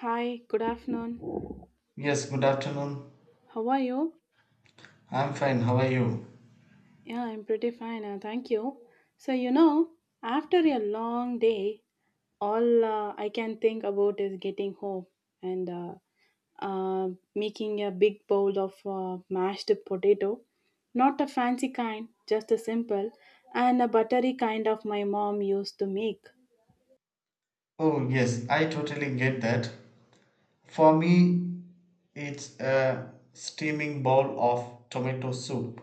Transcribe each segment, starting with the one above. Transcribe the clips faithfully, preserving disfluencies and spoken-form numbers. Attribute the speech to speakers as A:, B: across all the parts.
A: Hi, good afternoon.
B: Yes, good afternoon.
A: How are you?
B: I'm fine. How are you?
A: Yeah, I'm pretty fine, uh, thank you. So, you know, after a long day, all uh, I can think about is getting home and uh, uh, making a big bowl of uh, mashed potato. Not a fancy kind, just a simple and a buttery kind of my mom used to make.
B: Oh, yes, I totally get that. For me, it's a steaming bowl of tomato soup.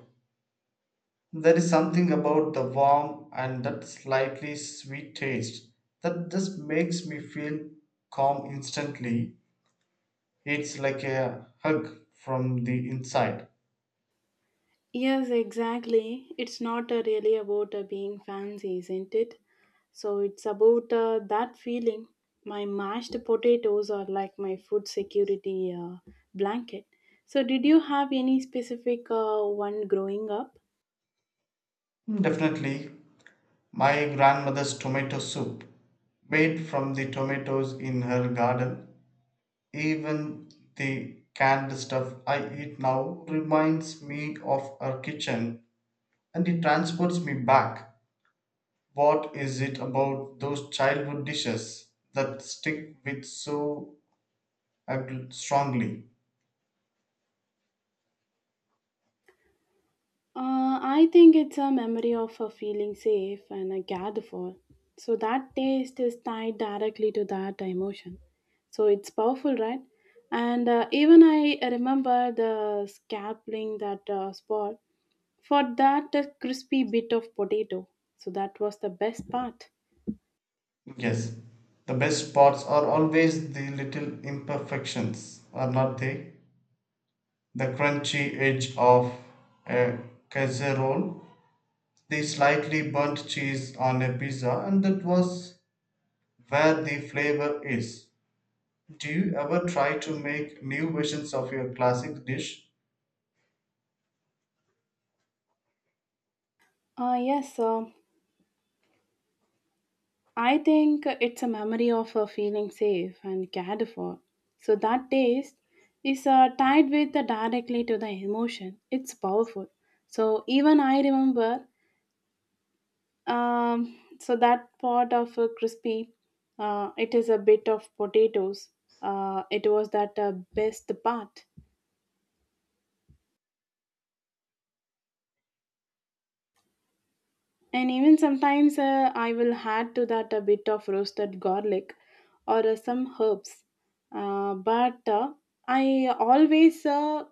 B: There is something about the warm and that slightly sweet taste that just makes me feel calm instantly. It's like a hug from the inside.
A: Yes, exactly. It's not uh, really about uh, being fancy, isn't it? So it's about uh, that feeling. My mashed potatoes are like my food security uh, blanket. So, did you have any specific uh, one growing up?
B: Definitely, my grandmother's tomato soup, made from the tomatoes in her garden. Even the canned stuff I eat now reminds me of our kitchen, and it transports me back. What is it about those childhood dishes that stick with so ag- strongly?
A: Uh, I think it's a memory of a feeling safe and a gather for. So that taste is tied directly to that emotion. So it's powerful, right? And uh, even I remember the scalping that uh, spot for that uh, crispy bit of potato. So that was the best part.
B: Yes, the best parts are always the little imperfections, are not they? The crunchy edge of a casserole, the slightly burnt cheese on a pizza, and that was where the flavor is. Do you ever try to make new versions of your classic dish?
A: Uh, yes, uh, I think it's a memory of uh, feeling safe and cared for. So that taste is uh, tied with uh, directly to the emotion. It's powerful. So even I remember. Um, so that part of uh, crispy, uh, it is a bit of potatoes. Uh, it was that uh, best part. And even sometimes uh, I will add to that a bit of roasted garlic or uh, some herbs. Uh, but uh, I always uh,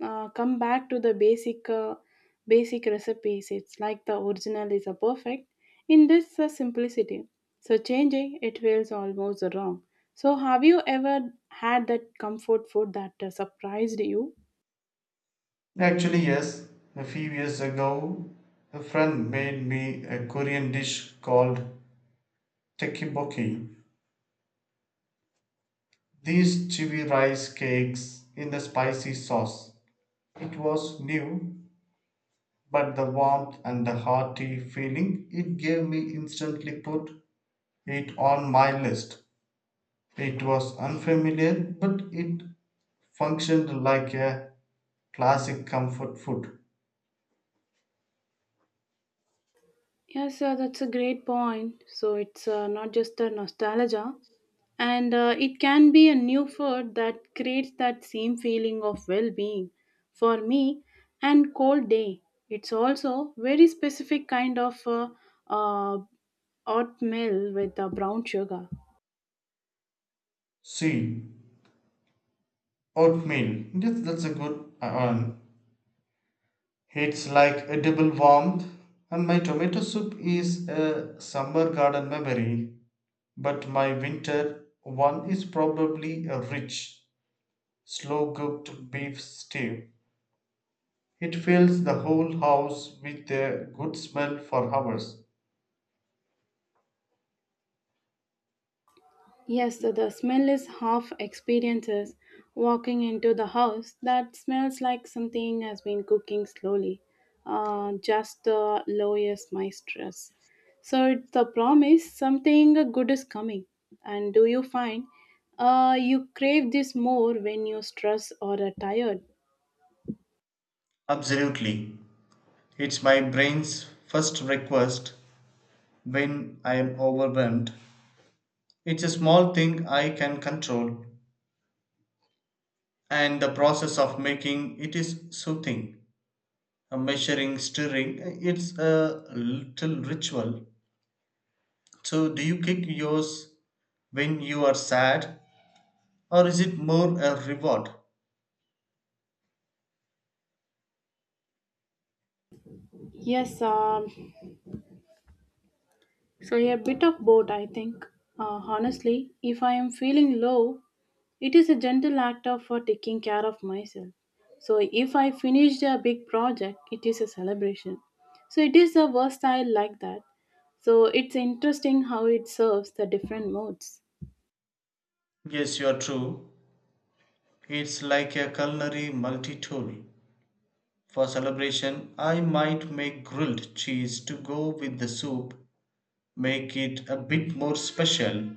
A: uh, come back to the basic uh, basic recipes. It's like the original is a perfect in this uh, simplicity, so changing it feels almost wrong. So have you ever had that comfort food that uh, surprised you?
B: Actually, yes. A few years ago, a friend made me a Korean dish called tekiboki. These chewy rice cakes in a spicy sauce. It was new, but the warmth and the hearty feeling it gave me instantly put it on my list. It was unfamiliar, but it functioned like a classic comfort food.
A: Yes, uh, that's a great point. So it's uh, not just a nostalgia, and uh, it can be a new food that creates that same feeling of well-being. For me, and cold day, it's also very specific kind of uh, uh, oatmeal with uh, brown sugar.
B: C. Oatmeal. Yes, that's a good one. It's like a double warmth. And my tomato soup is a summer garden memory, but my winter one is probably a rich, slow cooked beef stew. It fills the whole house with a good smell for hours.
A: Yes, the, the smell is half experiences. Walking into the house that smells like something has been cooking slowly, uh, just the lowest my stress. So it's a promise something good is coming. And do you find uh, you crave this more when you stress or are tired?
B: Absolutely. It's my brain's first request when I am overwhelmed. It's a small thing I can control, and the process of making it is soothing, uh, measuring, stirring. Uh, it's a little ritual. So do you kick yours when you are sad, or is it more a reward?
A: Yes, um, so a bit of both, I think. Uh, honestly, if I am feeling low, it is a gentle act of uh, taking care of myself. So if I finished a big project, it is a celebration. So it is a versatile like that. So it's interesting how it serves the different modes.
B: Yes, you are true. It's like a culinary multi-tool. For celebration, I might make grilled cheese to go with the soup, make it a bit more special.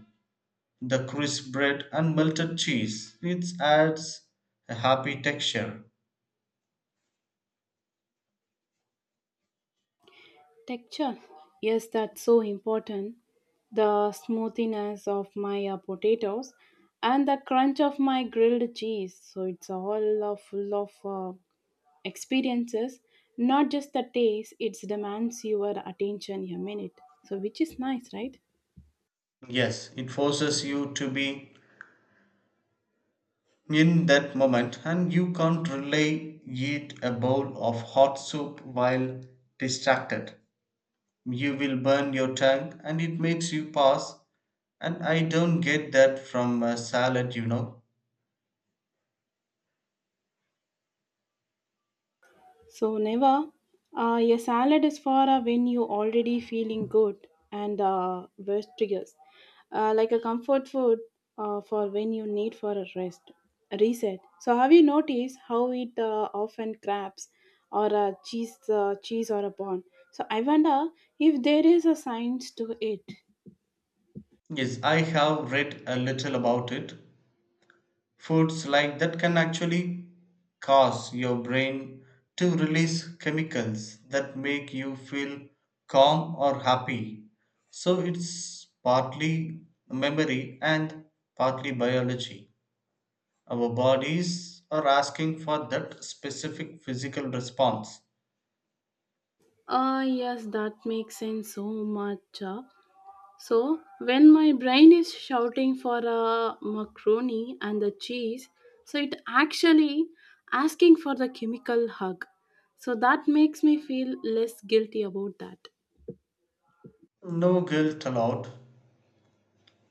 B: The crisp bread and melted cheese, it adds a happy texture.
A: Texture, yes, that's so important. The smoothness of my uh, potatoes and the crunch of my grilled cheese. So it's all uh, full of uh, experiences, not just the taste, it demands your attention a minute. So, which is nice, right?
B: Yes, it forces you to be in that moment, and you can't really eat a bowl of hot soup while distracted. You will burn your tongue and it makes you pass. And I don't get that from a salad, you know.
A: So, never uh, a salad is for uh, when you already feeling good and uh, worst triggers. Uh, like a comfort food uh, for when you need for a rest, a reset. So, have you noticed how it uh, often crabs or a cheese, uh, cheese or a bun? So, I wonder if there is a science to it.
B: Yes, I have read a little about it. Foods like that can actually cause your brain to release chemicals that make you feel calm or happy. So it's partly memory and partly biology. Our bodies are asking for that specific physical response.
A: Ah, yes, that makes sense so much. uh. So, when my brain is shouting for a macaroni and the cheese, so it actually asking for the chemical hug. So that makes me feel less guilty about that.
B: No guilt allowed.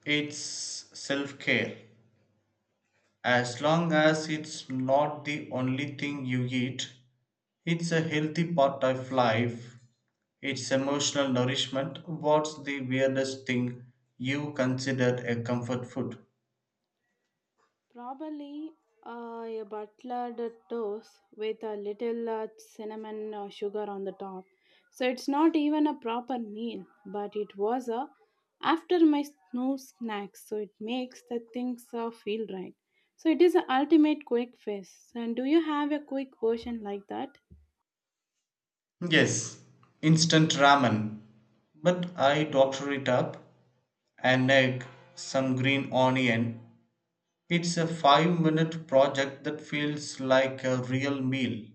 B: It's self-care. As long as it's not the only thing you eat, it's a healthy part of life. It's emotional nourishment. What's the weirdest thing you considered a comfort food?
A: Probably uh, a buttered toast with a little uh, cinnamon uh, sugar on the top. So it's not even a proper meal, but it was a after my snow snacks. So it makes the things uh, feel right. So it is an ultimate quick fix. And do you have a quick version like that?
B: Yes, instant ramen. But I doctor it up, an egg, some green onion. It's a five minute project that feels like a real meal.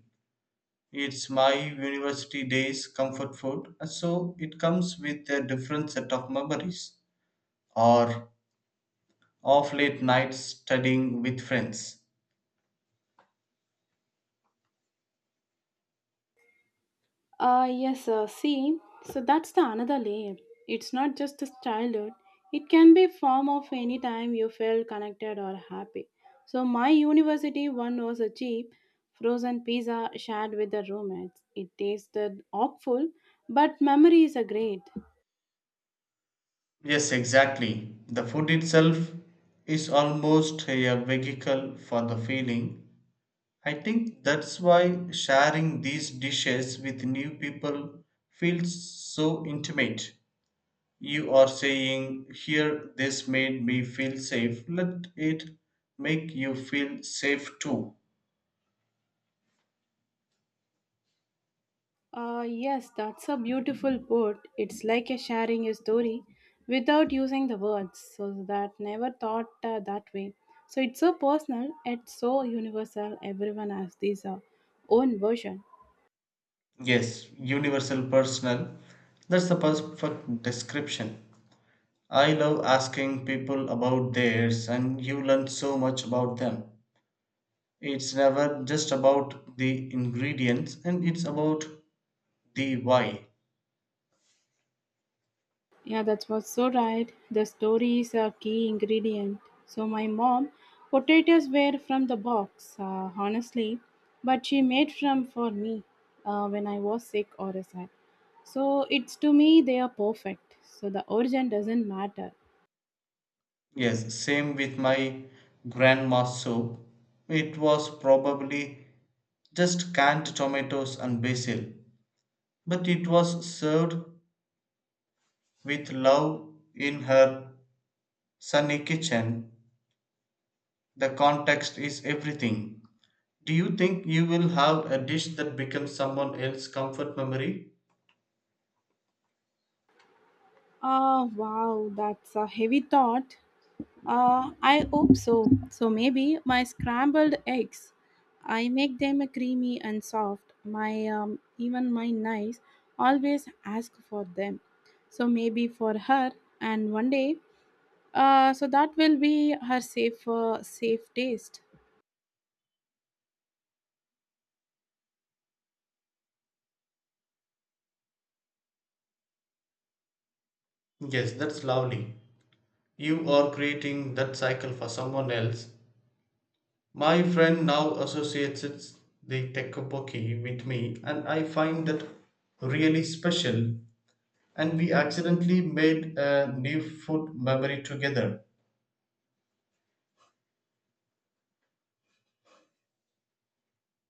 B: It's my university days comfort food, so it comes with a different set of memories. Or off late nights studying with friends.
A: Uh, yes, uh, see, so that's the another layer. It's not just a childhood. It can be form of any time you felt connected or happy. So my university one was a cheap frozen pizza shared with the roommates. It tasted awful, but memories are great.
B: Yes, exactly. The food itself is almost a vehicle for the feeling. I think that's why sharing these dishes with new people feels so intimate. You are saying, "Here, this made me feel safe. Let it make you feel safe too."
A: Uh, yes, that's a beautiful put. It's like a sharing a story without using the words. So that never thought uh, that way. So it's so personal. It's so universal. Everyone has this uh, own version.
B: Yes, universal personal. That's the perfect description. I love asking people about theirs, and you learn so much about them. It's never just about the ingredients, and it's about the why.
A: Yeah, that was so right. The story is a key ingredient. So my mom, potatoes were from the box, uh, honestly, but she made from for me uh, when I was sick or sad. So it's to me they are perfect. So the origin doesn't matter.
B: Yes, same with my grandma's soup. It was probably just canned tomatoes and basil, but it was served with love in her sunny kitchen. The context is everything. Do you think you will have a dish that becomes someone else's comfort memory?
A: Ah, wow, that's a heavy thought. Uh, I hope so. So maybe my scrambled eggs. I make them creamy and soft. My um, even my nice always ask for them. So maybe for her and one day. Uh, so that will be her safe uh, safe taste.
B: Yes, that's lovely. You are creating that cycle for someone else. My friend now associates it, the tekoboki, with me, and I find that really special. And we accidentally made a new food memory together.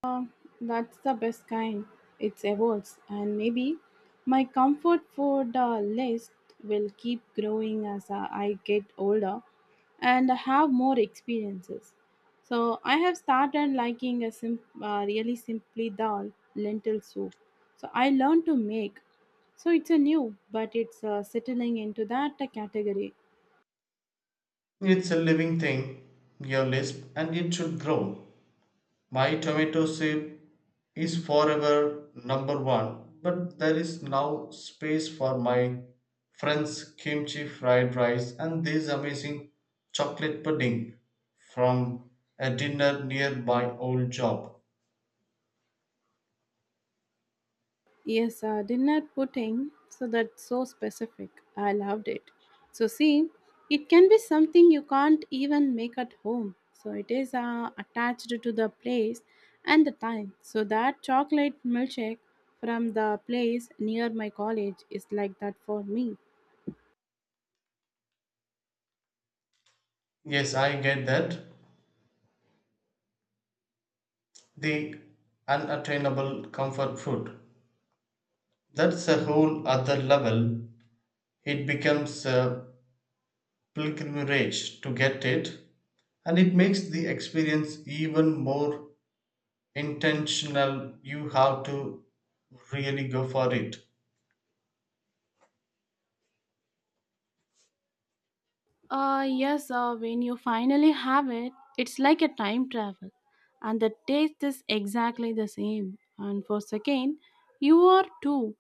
A: Uh, that's the best kind. It evolves, and maybe my comfort food uh, list will keep growing as uh, I get older and have more experiences. So I have started liking a sim- uh, really simply dal lentil soup. So I learned to make. So it's a new, but it's uh, settling into that uh, category.
B: It's a living thing, your lisp, and it should grow. My tomato soup is forever number one, but there is now space for my friend's kimchi fried rice and this amazing chocolate pudding from a dinner near my old job.
A: Yes, uh, dinner pudding. So that's so specific. I loved it. So see, it can be something you can't even make at home. So it is uh, attached to the place and the time. So that chocolate milkshake from the place near my college is like that for me.
B: Yes, I get that. The unattainable comfort food. That's a whole other level. It becomes a pilgrimage to get it, and it makes the experience even more intentional. You have to really go for it.
A: Uh, yes, uh, when you finally have it, it's like a time travel, and the taste is exactly the same. And for second, you are too.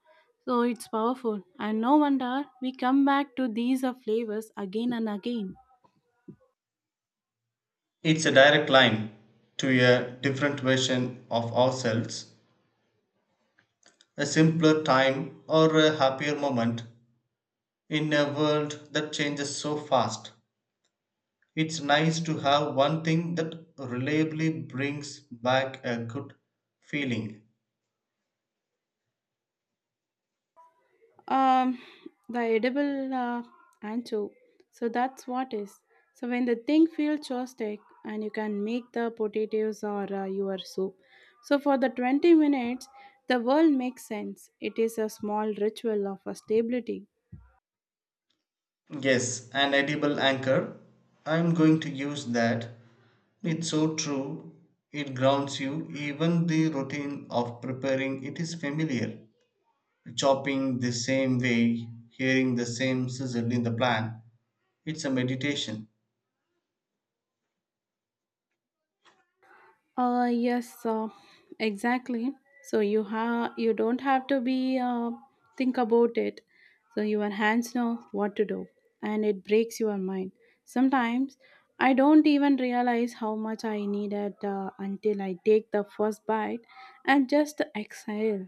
A: So it's powerful, and no wonder we come back to these uh, flavors again and again.
B: It's a direct line to a different version of ourselves, a simpler time or a happier moment. In a world that changes so fast, it's nice to have one thing that reliably brings back a good feeling.
A: um the edible uh, ancho, so that's what is. So when the thing feels chostic and you can make the potatoes or uh, your soup, so for the twenty minutes the world makes sense. It is a small ritual of a stability.
B: Yes, an edible anchor. I'm going to use that. It's so true. It grounds you. Even the routine of preparing it is familiar. Chopping the same way, hearing the same sizzle in the plan. It's a meditation.
A: Uh, yes, uh, exactly. So you have you don't have to be uh, think about it. So your hands know what to do, and it breaks your mind. Sometimes I don't even realize how much I need it uh, until I take the first bite and just exhale.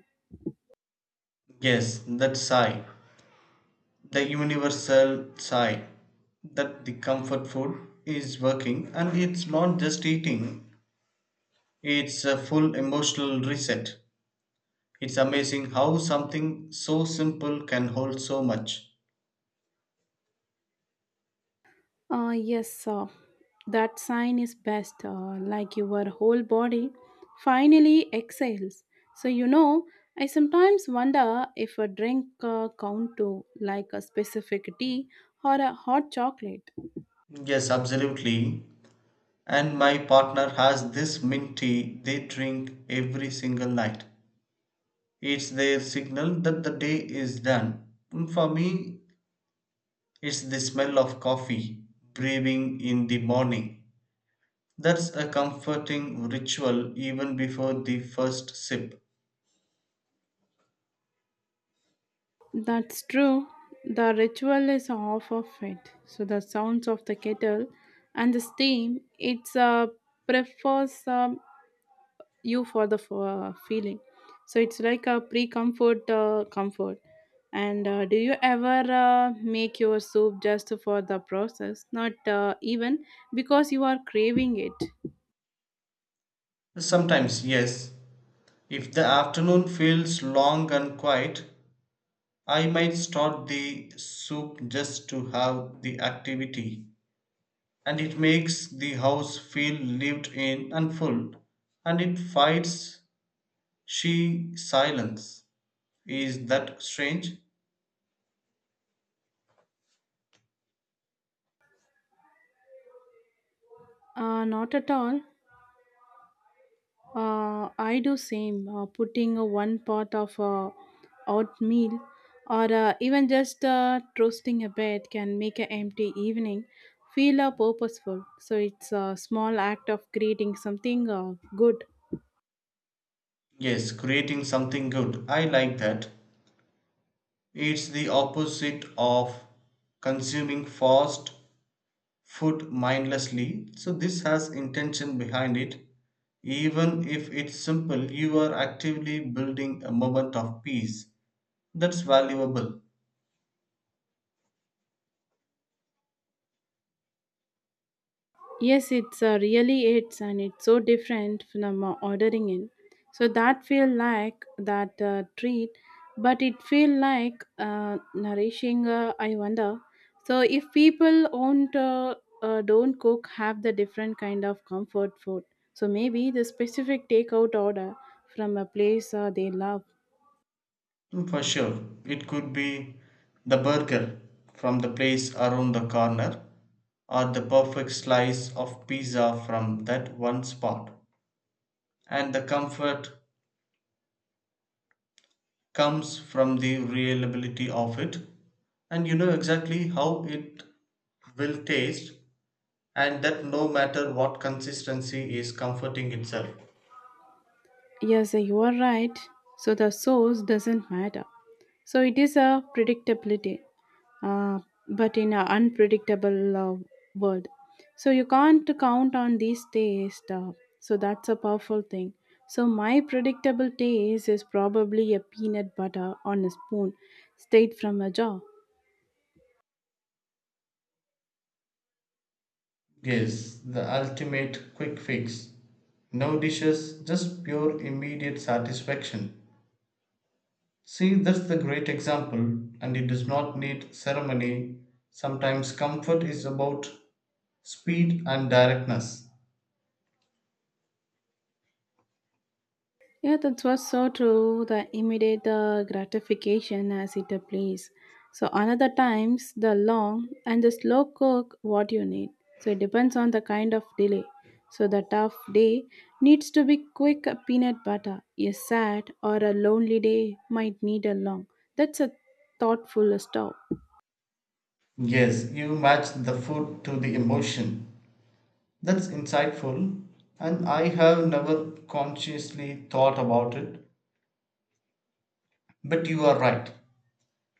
B: Yes, that sigh, the universal sigh, that the comfort food is working, and it's not just eating, it's a full emotional reset. It's amazing how something so simple can hold so much.
A: Uh, yes, uh, that sign is best, uh, like your whole body finally exhales. So, you know, I sometimes wonder if a drink uh, count to like a specific tea or a hot chocolate.
B: Yes, absolutely. And my partner has this mint tea they drink every single night. It's their signal that the day is done. For me, it's the smell of coffee brewing in the morning. That's a comforting ritual even before the first sip.
A: That's true. The ritual is half of it. So, the sounds of the kettle and the steam, it's uh, prefers uh, you for the f- uh, feeling, so it's like a pre comfort uh, comfort. And uh, do you ever uh, make your soup just for the process, not uh, even because you are craving it?
B: Sometimes, yes, if the afternoon feels long and quiet, I might start the soup just to have the activity, and it makes the house feel lived in and full, and it fights she silence. Is that strange?
A: uh, not at all. Uh, i do same, uh, putting uh, one pot of uh, oatmeal or uh, even just uh, toasting a bit can make an empty evening feel uh, purposeful. So it's a small act of creating something uh, good.
B: Yes, creating something good. I like that. It's the opposite of consuming fast food mindlessly. So this has intention behind it. Even if it's simple, you are actively building a moment of peace. That's valuable.
A: Yes, it's uh, really it's, and it's so different from uh, ordering in. So that feel like that uh, treat, but it feel like uh, nourishing. Uh, I wonder. So if people won't uh, uh, don't cook, have the different kind of comfort food. So maybe the specific takeout order from a place uh, they love.
B: Mm, for sure. It could be the burger from the place around the corner, or the perfect slice of pizza from that one spot. And the comfort comes from the reliability of it, and you know exactly how it will taste, and that no matter what, consistency is comforting itself.
A: Yes, you are right. So the source doesn't matter. So it is a predictability, uh, but in an unpredictable uh, world. So you can't count on these tastes. Uh, so that's a powerful thing. So my predictable taste is probably a peanut butter on a spoon, straight from a jar.
B: Yes, the ultimate quick fix. No dishes, just pure immediate satisfaction. See, that's the great example, and it does not need ceremony. Sometimes comfort is about speed and directness.
A: Yeah, that was so true. The immediate uh, gratification as it applies. So another times the long and the slow cook what you need. So it depends on the kind of delay. So the tough day needs to be quick peanut butter. A sad or a lonely day might need a long. That's a thoughtful stop.
B: Yes, you match the food to the emotion. That's insightful, and I have never consciously thought about it, but you are right.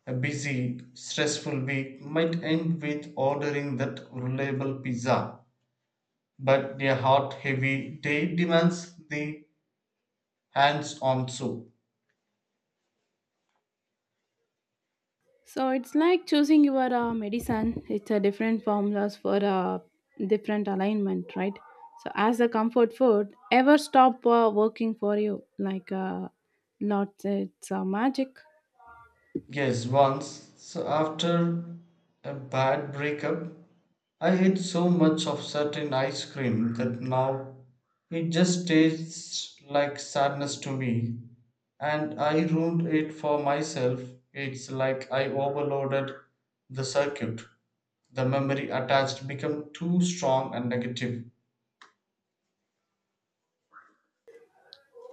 B: A busy, stressful week might end with ordering that reliable pizza, but a hot, heavy day demands the hands on soup.
A: So it's like choosing your uh, medicine. It's a different formulas for a different alignment, right? So as a comfort food, ever stop uh, working for you like uh, not it's uh, magic.
B: Yes, once, so after a bad breakup, I ate so much of certain ice cream that now it just tastes like sadness to me, and I ruined it for myself. It's like I overloaded the circuit. The memory attached become too strong and negative.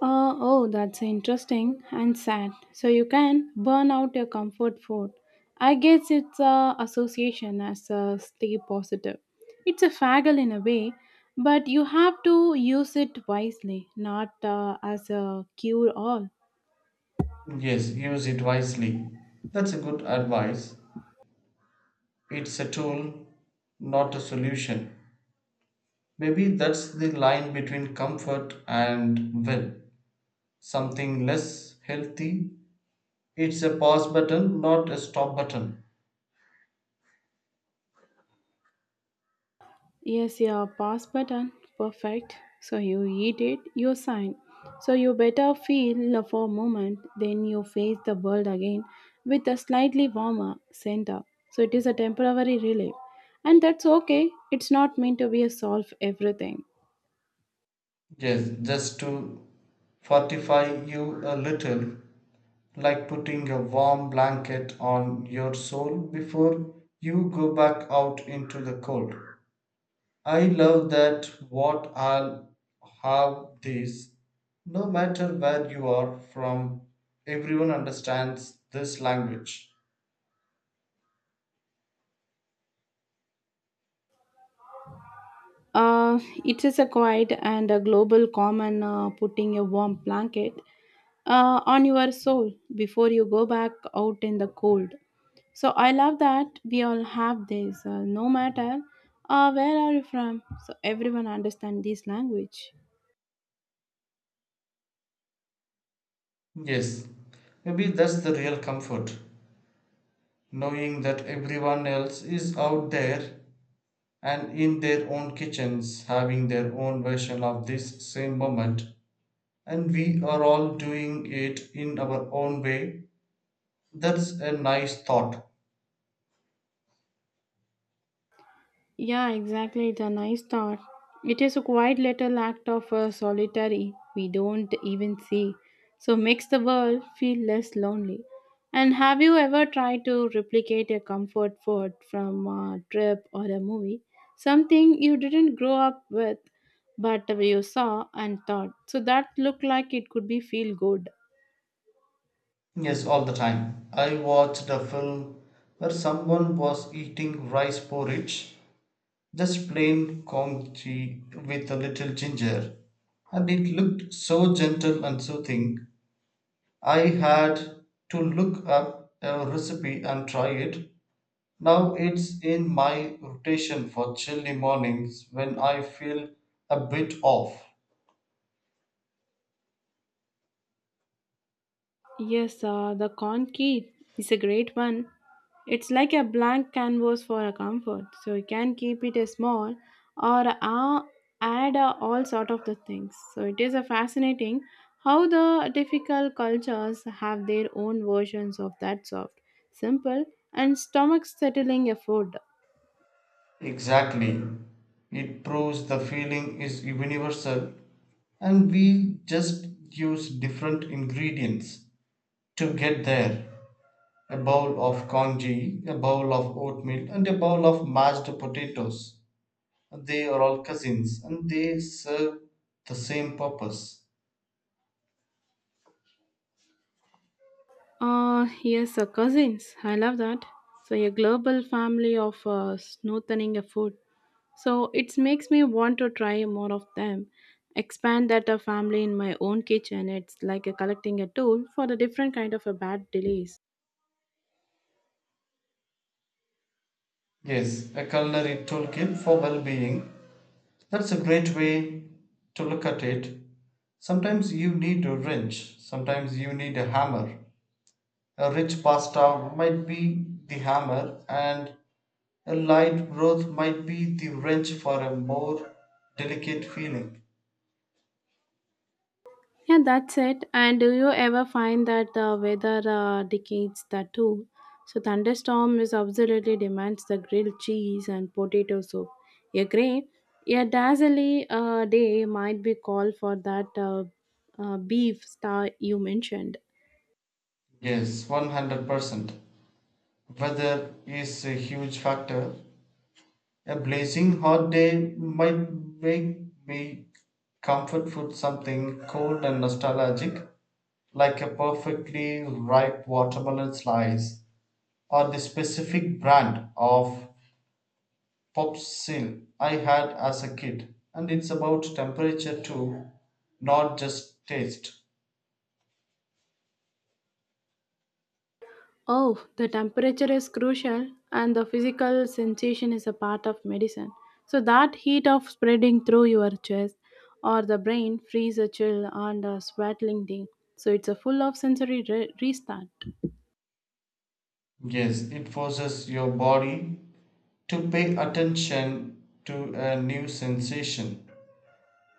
A: Uh, oh, that's interesting and sad. So you can burn out your comfort food. I guess it's a association as a stay positive. It's a faggle in a way, but you have to use it wisely, not uh, as a cure all.
B: Yes, use it wisely. That's a good advice. It's a tool, not a solution. Maybe that's the line between comfort and will, something less healthy. It's a pause button, not a stop button.
A: Yes, yeah, pass button. Perfect. So you eat it, you sign. So you better feel for a moment, then you face the world again with a slightly warmer center. So it is a temporary relief. And that's okay. It's not meant to be a solve everything.
B: Yes, just to fortify you a little, like putting a warm blanket on your soul before you go back out into the cold. I love that what I'll have this. No matter where you are from, everyone understands this language.
A: Uh, it is a quiet and a global common uh, putting a warm blanket uh, on your soul before you go back out in the cold. So I love that we all have this, uh, no matter uh, where are you from. So everyone understand this language.
B: Yes, maybe that's the real comfort, knowing that everyone else is out there and in their own kitchens having their own version of this same moment, and we are all doing it in our own way. That's a nice thought.
A: Yeah, exactly. It's a nice thought. It is a quiet little act of uh, solitary we don't even see. So makes the world feel less lonely. And have you ever tried to replicate a comfort food from a trip or a movie? Something you didn't grow up with, but you saw and thought. So that looked like it could be feel good.
B: Yes, all the time. I watched a film where someone was eating rice porridge, just plain congee with a little ginger, and it looked so gentle and soothing. I had to look up a recipe and try it. Now it's in my rotation for chilly mornings when I feel a bit off.
A: Yes, uh, the con key is a great one. It's like a blank canvas for a comfort, so you can keep it a small or uh, add uh, all sort of the things. So it is a fascinating how the difficult cultures have their own versions of that soft, simple, and stomach settling a food.
B: Exactly. It proves the feeling is universal, and we just use different ingredients to get there. A bowl of congee, a bowl of oatmeal, and a bowl of mashed potatoes. They are all cousins, and they serve the same purpose.
A: Uh, yes, uh, cousins. I love that. So a global family of uh, snorteling a food. So it makes me want to try more of them. Expand that a family in my own kitchen. It's like a collecting a tool for the different kind of a bad delays.
B: Yes, a culinary toolkit for well being. That's a great way to look at it. Sometimes you need a wrench, sometimes you need a hammer. A rich pasta might be the hammer, and a light broth might be the wrench for a more delicate feeling.
A: Yeah, that's it. And do you ever find that the weather uh, dictates that too? So thunderstorm is absolutely demands the grilled cheese and potato soup. A gray, a dazzly uh, day might be called for that uh, uh, beef star you mentioned.
B: Yes, one hundred percent. Weather is a huge factor. A blazing hot day might make me comfort food something cold and nostalgic, like a perfectly ripe watermelon slice or the specific brand of popsicle I had as a kid. And it's about temperature too, not just taste.
A: Oh, the temperature is crucial and the physical sensation is a part of medicine. So that heat of spreading through your chest or the brain frees a chill and a sweatling thing. So it's a full of sensory re- restart.
B: Yes, it forces your body to pay attention to a new sensation.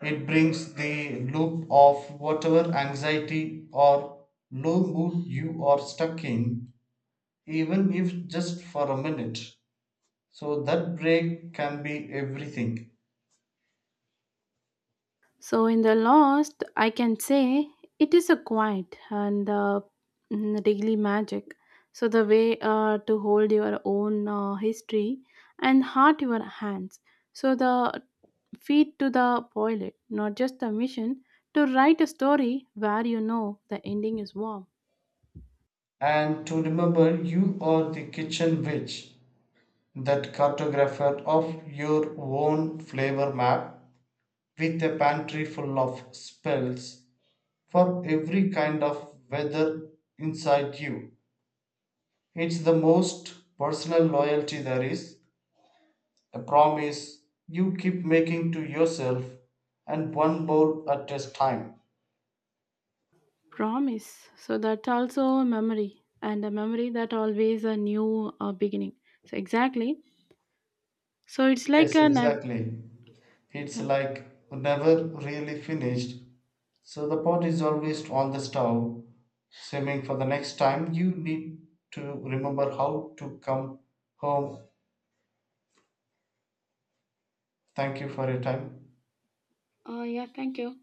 B: It brings the loop of whatever anxiety or low mood you are stuck in, even if just for a minute. So that break can be everything.
A: So, in the lost, I can say it is a quiet and uh, mm, daily magic. So, the way uh, to hold your own uh, history and heart your hands. So, the feed to the pilot, not just the mission, to write a story where you know the ending is warm.
B: And to remember, you are the kitchen witch, that cartographer of your own flavor map with a pantry full of spells for every kind of weather inside you. It's the most personal loyalty there is, a promise you keep making to yourself and one bowl at a time.
A: Promise. So, that's also a memory and a memory that always a new uh, beginning. So, exactly. So, it's like
B: Yes,
A: a. Nav-
B: exactly. It's
A: yeah.
B: like never really finished. So the pot is always on the stove, simmering for the next time you need to remember how to come home. Thank you for your time.
A: Uh, yeah, thank you.